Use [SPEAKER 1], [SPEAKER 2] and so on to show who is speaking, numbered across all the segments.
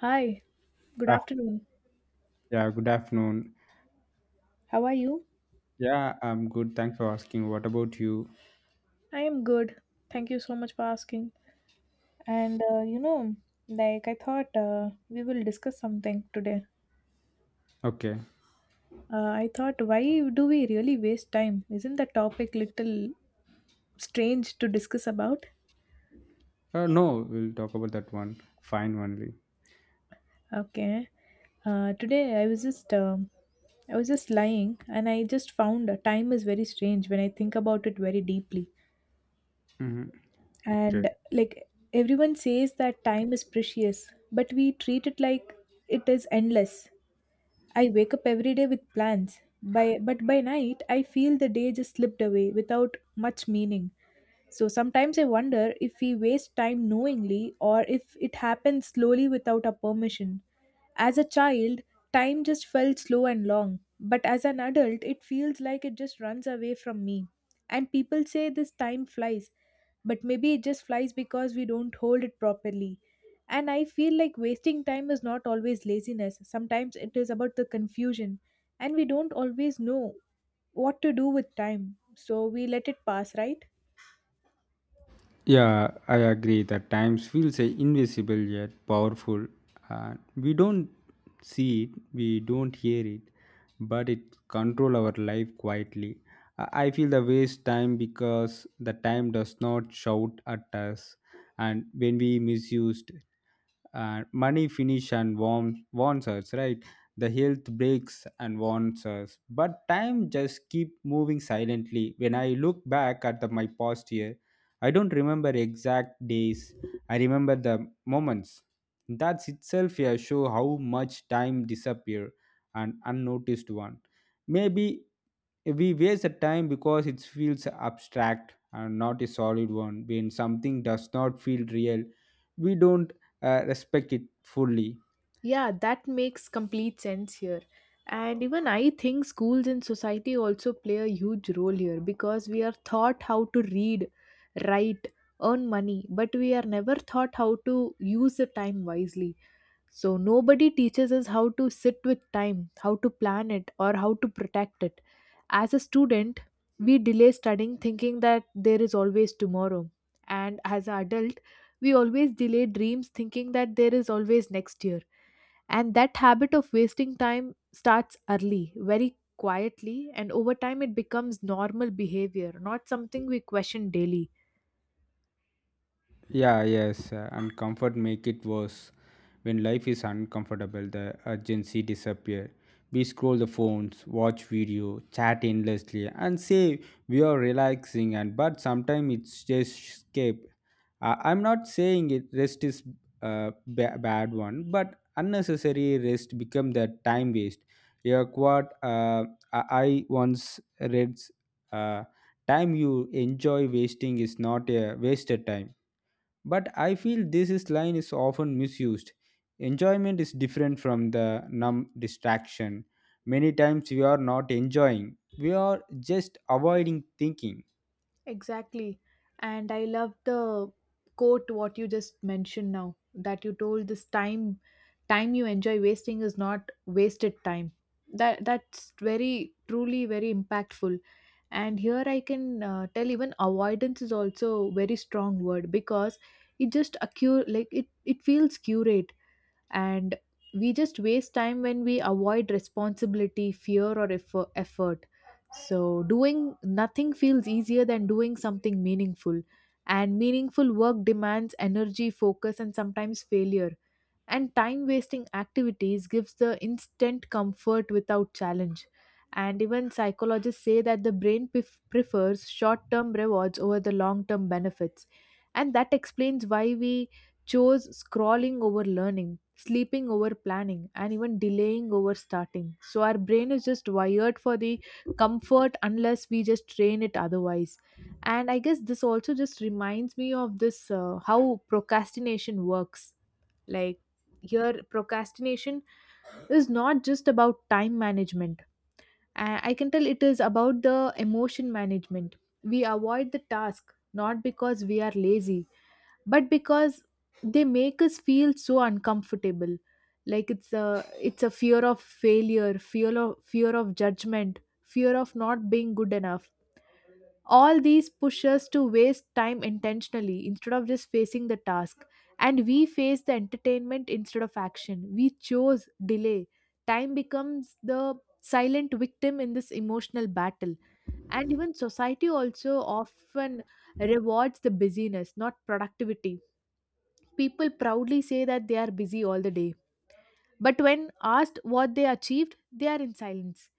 [SPEAKER 1] Hi, good
[SPEAKER 2] Ah,
[SPEAKER 1] afternoon.
[SPEAKER 2] yeah, good afternoon.
[SPEAKER 1] How are you?
[SPEAKER 2] Yeah, I'm good. Thanks for asking. What about you?
[SPEAKER 1] I am good. Thank you so much for asking. And, like I thought we will discuss something today.
[SPEAKER 2] Okay.
[SPEAKER 1] I thought, why do we really waste time? Isn't the topic little strange to discuss about?
[SPEAKER 2] No, we'll talk about that one. Fine, only.
[SPEAKER 1] Okay. Today I was just lying and I just found time is very strange when I think about it very deeply.
[SPEAKER 2] Mm-hmm. Okay.
[SPEAKER 1] And like everyone says that time is precious, but we treat it like it is endless. I wake up every day with plans by but by night I feel the day just slipped away without much meaning. So sometimes I wonder if we waste time knowingly or if it happens slowly without our permission. As a child, time just felt slow and long, but as an adult, it feels like it just runs away from me. And people say this time flies, but maybe it just flies because we don't hold it properly. And I feel like wasting time is not always laziness, sometimes it is about the confusion, and we don't always know what to do with time, so we let it pass, right?
[SPEAKER 2] Yeah, I agree that times feels invisible yet powerful. And we don't see it, we don't hear it, but it control our life quietly. I feel the waste time because the time does not shout at us, and when we misused, money finish and warn, warns us, right? The health breaks and warns us, but time just keep moving silently. When I look back at the, my past year, I don't remember exact days, I remember the moments. That's itself a show how much time disappear and unnoticed one. Maybe we waste the time because it feels abstract and not a solid one. When something does not feel real, we don't respect it fully.
[SPEAKER 1] Yeah, that makes complete sense here. And even I think schools and society also play a huge role here because we are taught how to read, write, earn money, but we are never taught how to use the time wisely. So nobody teaches us how to sit with time, how to plan it, or how to protect it. As a student, we delay studying thinking that there is always tomorrow. And as an adult, we always delay dreams thinking that there is always next year, and that habit of wasting time starts early, very quietly, and over time it becomes normal behavior, not something we question daily.
[SPEAKER 2] Yeah, yes, and comfort make it worse. When life is uncomfortable, the urgency disappear. We scroll the phones, watch video, chat endlessly, and say we are relaxing. And but sometimes it's just escape. I I'm not saying it rest is a bad one, but unnecessary rest become the time waste. Yeah, what I once read, uh, time you enjoy wasting is not a wasted time but I feel this is line is often misused. Enjoyment is different from the numb distraction. Many times we are not enjoying, we are just avoiding thinking.
[SPEAKER 1] Exactly. And I love the quote what you just mentioned now, that you told this: Time you enjoy wasting is not wasted time. That's very truly very impactful. And here I can tell, even avoidance is also a very strong word because it just occur, like it feels curate. And we just waste time when we avoid responsibility, fear, or effort. So doing nothing feels easier than doing something meaningful, and meaningful work demands energy, focus, and sometimes failure. And time wasting activities gives the instant comfort without challenge. And even psychologists say that the brain prefers short term rewards over the long term benefits. And that explains why we chose scrolling over learning, sleeping over planning, and even delaying over starting. So our brain is just wired for the comfort unless we just train it otherwise. And I guess this also just reminds me of this, how procrastination works. Like your procrastination is not just about time management. I can tell it is about the emotion management. We avoid the task not because we are lazy, but because they make us feel so uncomfortable. Like it's a fear of failure, fear of judgment, fear of not being good enough. All these push us to waste time intentionally instead of just facing the task. And we face the entertainment instead of action. We chose delay. Time becomes the silent victim in this emotional battle. And even society also often rewards the busyness, not productivity. People proudly say that they are busy all the day. But when asked what they achieved, they are in silence.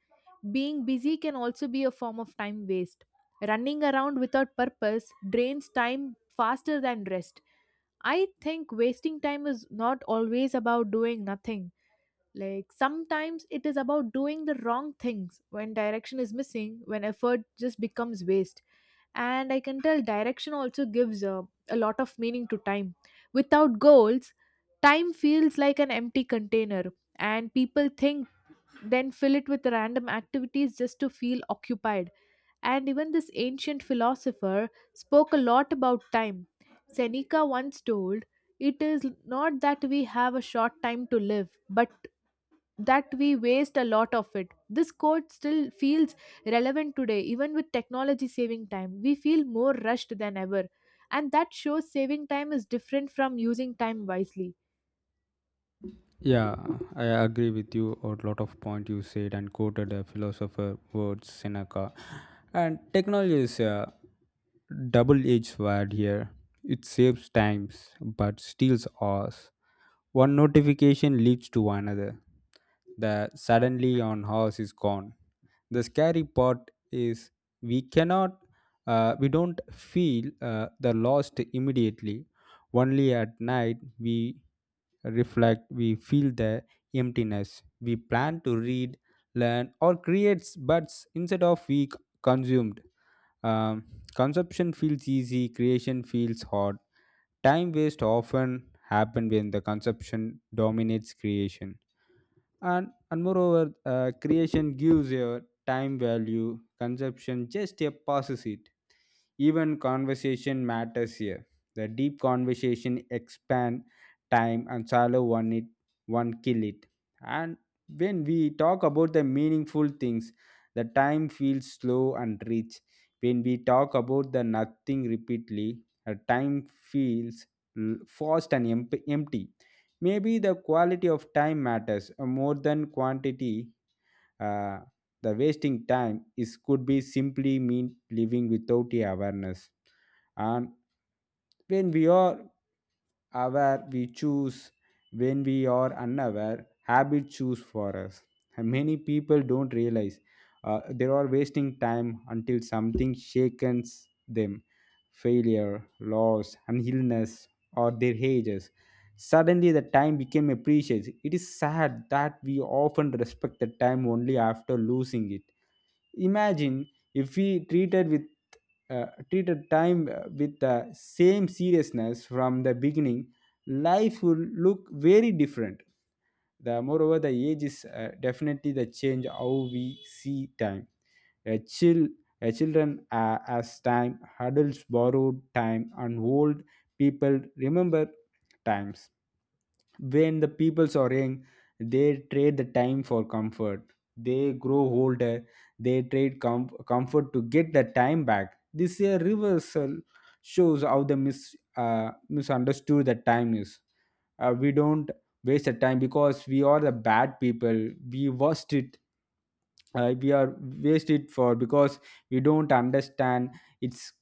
[SPEAKER 1] Being busy can also be a form of time waste. Running around without purpose drains time faster than rest. I think wasting time is not always about doing nothing. Like sometimes it is about doing the wrong things when direction is missing, when effort just becomes waste. And I can tell direction also gives a lot of meaning to time. Without goals, time feels like an empty container, and people think then fill it with random activities just to feel occupied. And even this ancient philosopher spoke a lot about time. Seneca once told, it is not that we have a short time to live, but that we waste a lot of it. This quote still feels relevant today. Even with technology saving time, we feel more rushed than ever. And that shows saving time is different from using time wisely.
[SPEAKER 2] Yeah, I agree with you on lot of point you said and quoted a philosopher words Seneca. And technology is a double-edged sword here. It saves times but steals ours. One notification leads to another. The suddenly on horse is gone. The scary part is we cannot, we don't feel the lost immediately. Only at night we reflect, we feel the emptiness. We plan to read, learn, or create, but instead of we consumed. Um, consumption feels easy, creation feels hard. Time waste often happen when the consumption dominates creation and moreover creation gives your time value consumption just a passes it even conversation matters here the deep conversation expand time and shallow one it one kill it and when we talk about the meaningful things the time feels slow and rich when we talk about the nothing repeatedly the time feels fast and empty. Maybe the quality of time matters more than quantity. Uh, the wasting time is could be simply mean living without the awareness. And when we are aware we choose when we are unaware habit choose for us. And many people don't realize they are wasting time until something shakens them failure loss and illness or their ages suddenly the time became appreciated it is sad that we often respect the time only after losing it imagine if we treated with treated time with the same seriousness from the beginning life would look very different the moreover the age is definitely the change how we see time a chill a children as time adults borrowed time and old people remember times when the peoples are young they trade the time for comfort they grow older they trade comfort to get the time back this year reversal shows how the misunderstood the time is we don't wasted time because we are the bad people we worst it we are waste it for because we don't understand its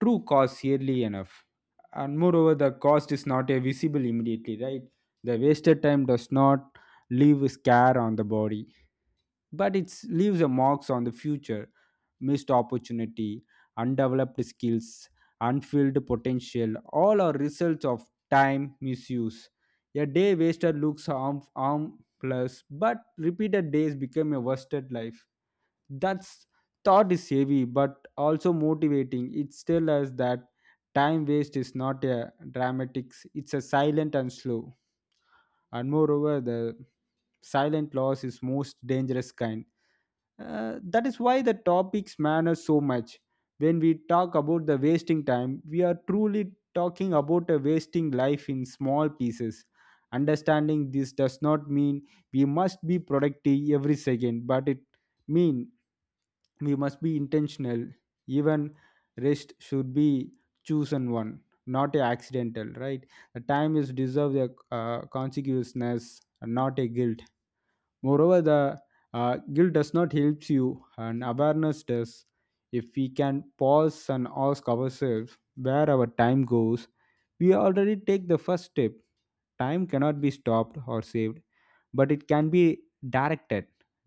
[SPEAKER 2] true cost yearly enough and moreover the cost is not a visible immediately right the wasted time does not leave a scar on the body but it leaves a marks on the future missed opportunity undeveloped skills unfilled potential all are results of time misuse a day wasted looks harmless but repeated days become a wasted life that's thought is heavy but also motivating it tells us that time waste is not a dramatics; it's a silent and slow and moreover the silent loss is most dangerous kind. That is why the topics matter so much. When we talk about the wasting time, we are truly talking about a wasting life in small pieces. Understanding this does not mean we must be productive every second, but it means we must be intentional. Even rest should be chosen one, not a accidental, right? The time is deserve a consequences, not a guilt. Moreover, the guilt does not help you, and awareness does. If we can pause and ask ourselves where our time goes, we already take the first step. Time cannot be stopped or saved, but it can be directed.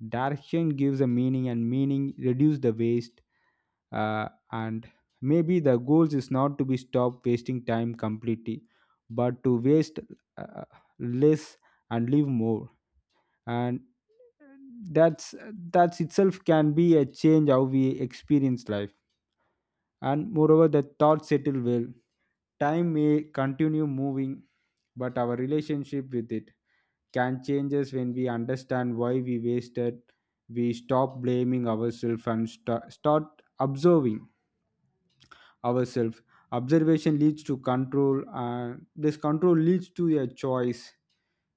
[SPEAKER 2] Direction gives a meaning, and meaning reduce the waste. And maybe the goals is not to be stopped wasting time completely, but to waste uh, less and live more and that's that's itself can be a change how we experience life and moreover the thoughts settle well time may continue moving but our relationship with it can change us when we understand why we wasted we stop blaming ourselves and start observing ourselves. Observation leads to control, and this control leads to a choice.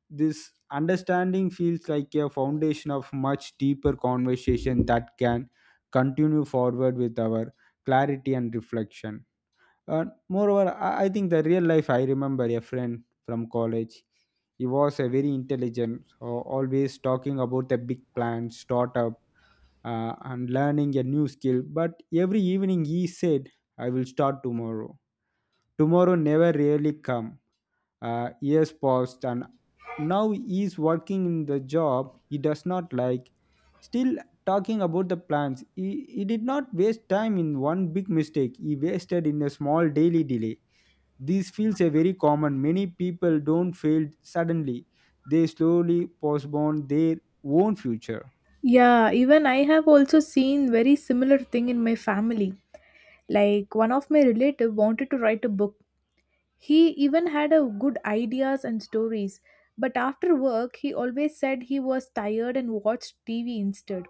[SPEAKER 2] This understanding feels like a foundation of much deeper conversation that can continue forward with our clarity and reflection. And moreover, I think the real life I remember a friend from college. He was a very intelligent, so always talking about the big plans, startup, and learning a new skill. But every evening he said, I will start tomorrow. Tomorrow never really come. Years passed and now he is working in the job he does not like. Still talking about the plans. He did not waste time in one big mistake. He wasted in a small daily delay. This feels a very common. Many people don't fail suddenly. They slowly postpone their own future.
[SPEAKER 1] Yeah, even I have also seen very similar thing in my family. Like one of my relative wanted to write a book. He even had a good ideas and stories, but after work he always said he was tired and watched TV instead.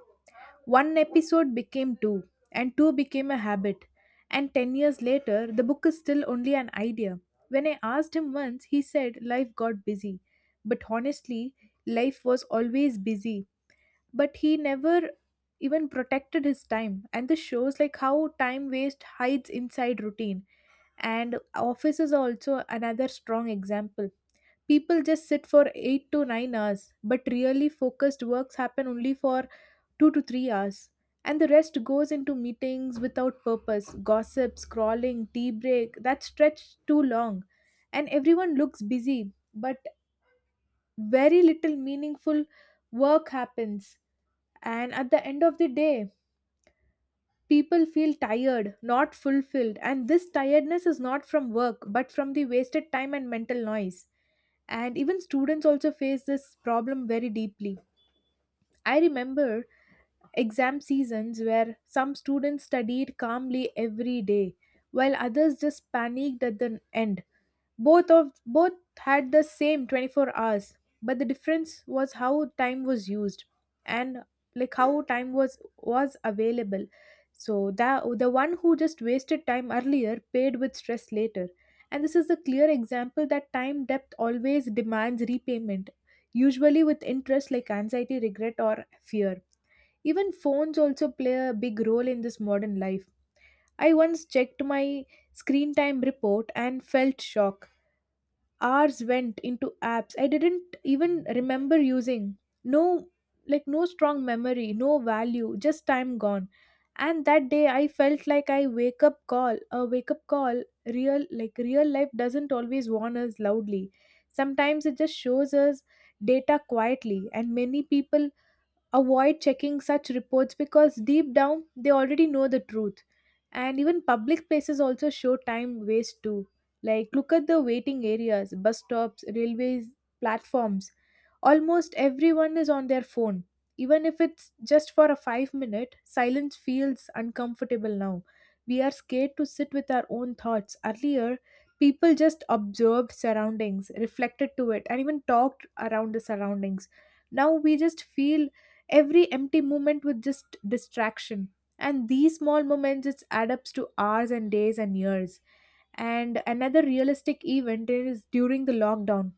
[SPEAKER 1] One episode became two, and two became a habit. And 10 years later, the book is still only an idea. When I asked him once, he said life got busy. But honestly, life was always busy, but he never even protected his time, and this shows like how time waste hides inside routine. And office is also another strong example. People just sit for 8 to 9 hours, but really focused works happen only for 2 to 3 hours, and the rest goes into meetings without purpose, gossip, scrolling, tea break that stretch too long. And everyone looks busy, but very little meaningful work happens. And at the end of the day, people feel tired, not fulfilled. And this tiredness is not from work, but from the wasted time and mental noise. And even students also face this problem very deeply. I remember exam seasons where some students studied calmly every day, while others just panicked at the end. Both had the same 24 hours, but the difference was how time was used and like how time was available. So that the one who just wasted time earlier paid with stress later. And this is a clear example that time depth always demands repayment, usually with interest like anxiety, regret, or fear. Even phones also play a big role in this modern life. I once checked my screen time report and felt shocked. Hours went into apps I didn't even remember using. No, like no strong memory, no value, just time gone. And that day I felt like I wake up call a wake up call Real life doesn't always warn us loudly, sometimes it just shows us data quietly. And many people avoid checking such reports because deep down they already know the truth. And even public places also show time waste too. Like look at the waiting areas, bus stops, railways, platforms. Almost everyone is on their phone. Even if it's just for a 5-minute, silence feels uncomfortable now. We are scared to sit with our own thoughts. Earlier, people just observed surroundings, reflected to it, and even talked around the surroundings. Now we just feel every empty moment was just distraction, and these small moments just add up to hours and days and years. And another realistic event is during the lockdown.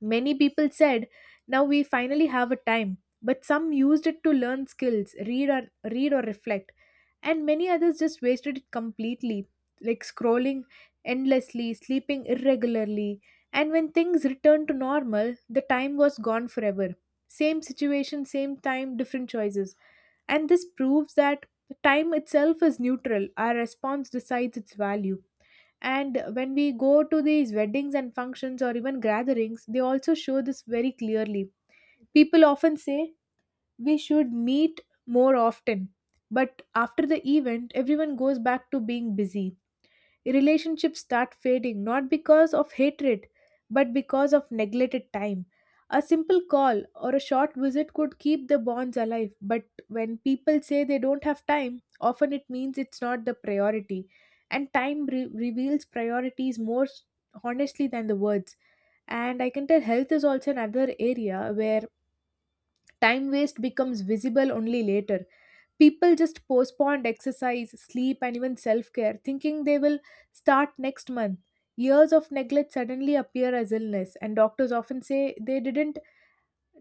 [SPEAKER 1] Many people said, now we finally have a time, but some used it to learn skills, read or reflect, and many others just wasted it completely, like scrolling endlessly, sleeping irregularly, and when things returned to normal, the time was gone forever. Same situation, same time, different choices. And this proves that time itself is neutral. Our response decides its value. And when we go to these weddings and functions or even gatherings, they also show this very clearly. People often say we should meet more often, but after the event, everyone goes back to being busy. Relationships start fading not because of hatred, but because of neglected time. A simple call or a short visit could keep the bonds alive, but when people say they don't have time, often it means it's not the priority. And time reveals priorities more honestly than the words. And I can tell health is also another area where time waste becomes visible only later. People just postponed exercise, sleep, and even self care, thinking they will start next month. Years of neglect suddenly appear as illness, and doctors often say they didn't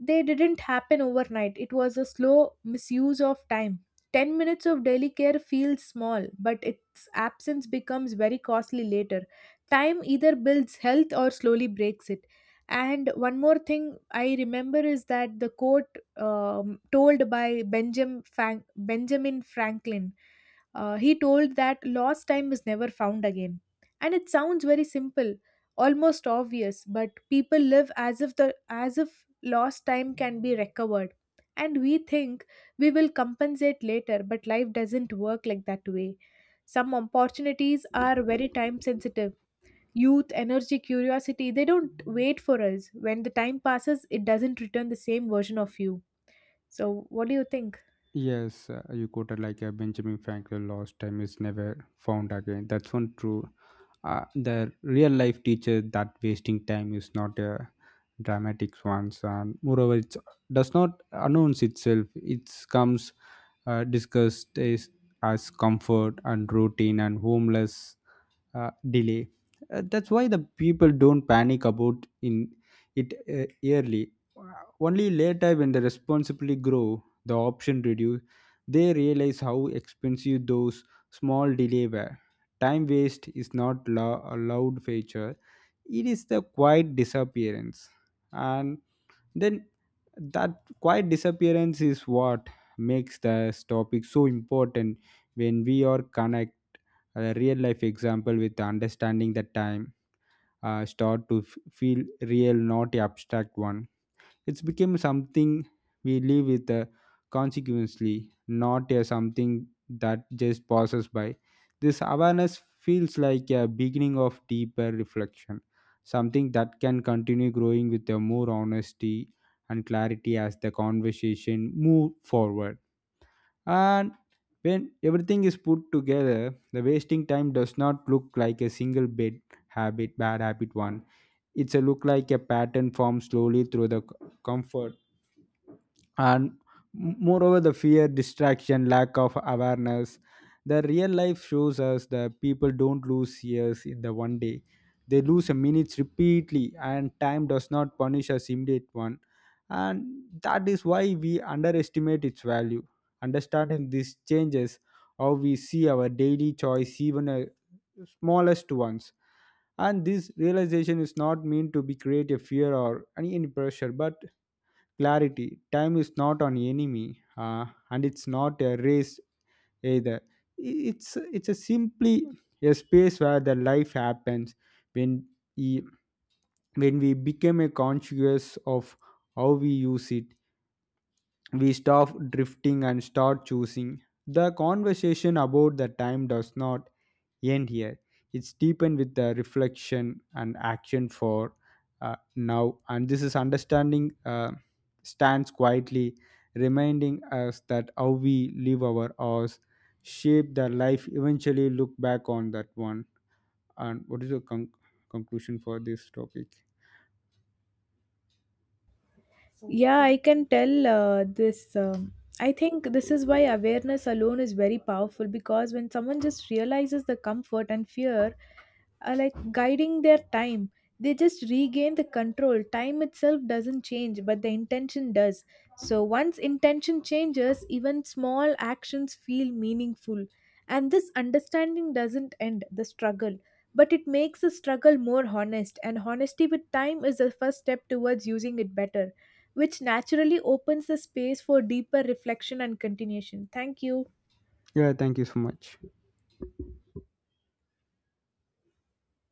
[SPEAKER 1] they didn't happen overnight. It was a slow misuse of time. 10 minutes of daily care feels small, but its absence becomes very costly later. Time either builds health or slowly breaks it. And one more thing I remember is that the quote told by Benjamin Franklin, he told that lost time is never found again. And it sounds very simple, almost obvious, but people live as if lost time can be recovered. And we think we will compensate later, but life doesn't work like that way. Some opportunities are very time sensitive. Youth, energy, curiosity, they don't wait for us. When the time passes, it doesn't return the same version of you. So what do you think?
[SPEAKER 2] Yes, you quoted like Benjamin Franklin, lost time is never found again. That's one true. The real life teacher that wasting time is not a dramatic one. And moreover, it does not announce itself. It comes uh, discussed as, as comfort and routine and homeless delay. That's why the people don't panic about in it early. Only later, when the responsibility grow, the option reduce. They realize how expensive those small delay were. Time waste is not a loud feature; it is the quiet disappearance, and then that quiet disappearance is what makes this topic so important when we are connected a real life example with understanding the time start to feel real not the abstract one it's become something we live with consequently not a something that just passes by this awareness feels like a beginning of deeper reflection something that can continue growing with a more honesty and clarity as the conversation move forward and when everything is put together, the wasting time does not look like a single bad habit one. It's a look like a pattern formed slowly through the comfort and moreover the fear distraction lack of awareness the real life shows us that people don't lose years in the one day they lose a minutes repeatedly and time does not punish us immediate one and that is why we underestimate its value understanding these changes how we see our daily choice even a smallest ones and this realization is not meant to be create a fear or any pressure but clarity time is not an enemy and it's not a race either it's a simply a space where the life happens when we, when we become a conscious of how we use it we stop drifting and start choosing. The conversation about the time does not end here. It's deepened with the reflection and action for now. And this is understanding stands quietly, reminding us that how we live our hours shape the life eventually look back on that one. And what is your conclusion for this topic?
[SPEAKER 1] Yeah, I can tell this. I think this is why awareness alone is very powerful, because when someone just realizes the comfort and fear like guiding their time, they just regain the control. Time itself doesn't change, but the intention does. So once intention changes, even small actions feel meaningful. And this understanding doesn't end the struggle, but it makes the struggle more honest. And honesty with time is the first step towards using it better, which naturally opens the space for deeper reflection and continuation. Thank you.
[SPEAKER 2] Yeah, thank you so much.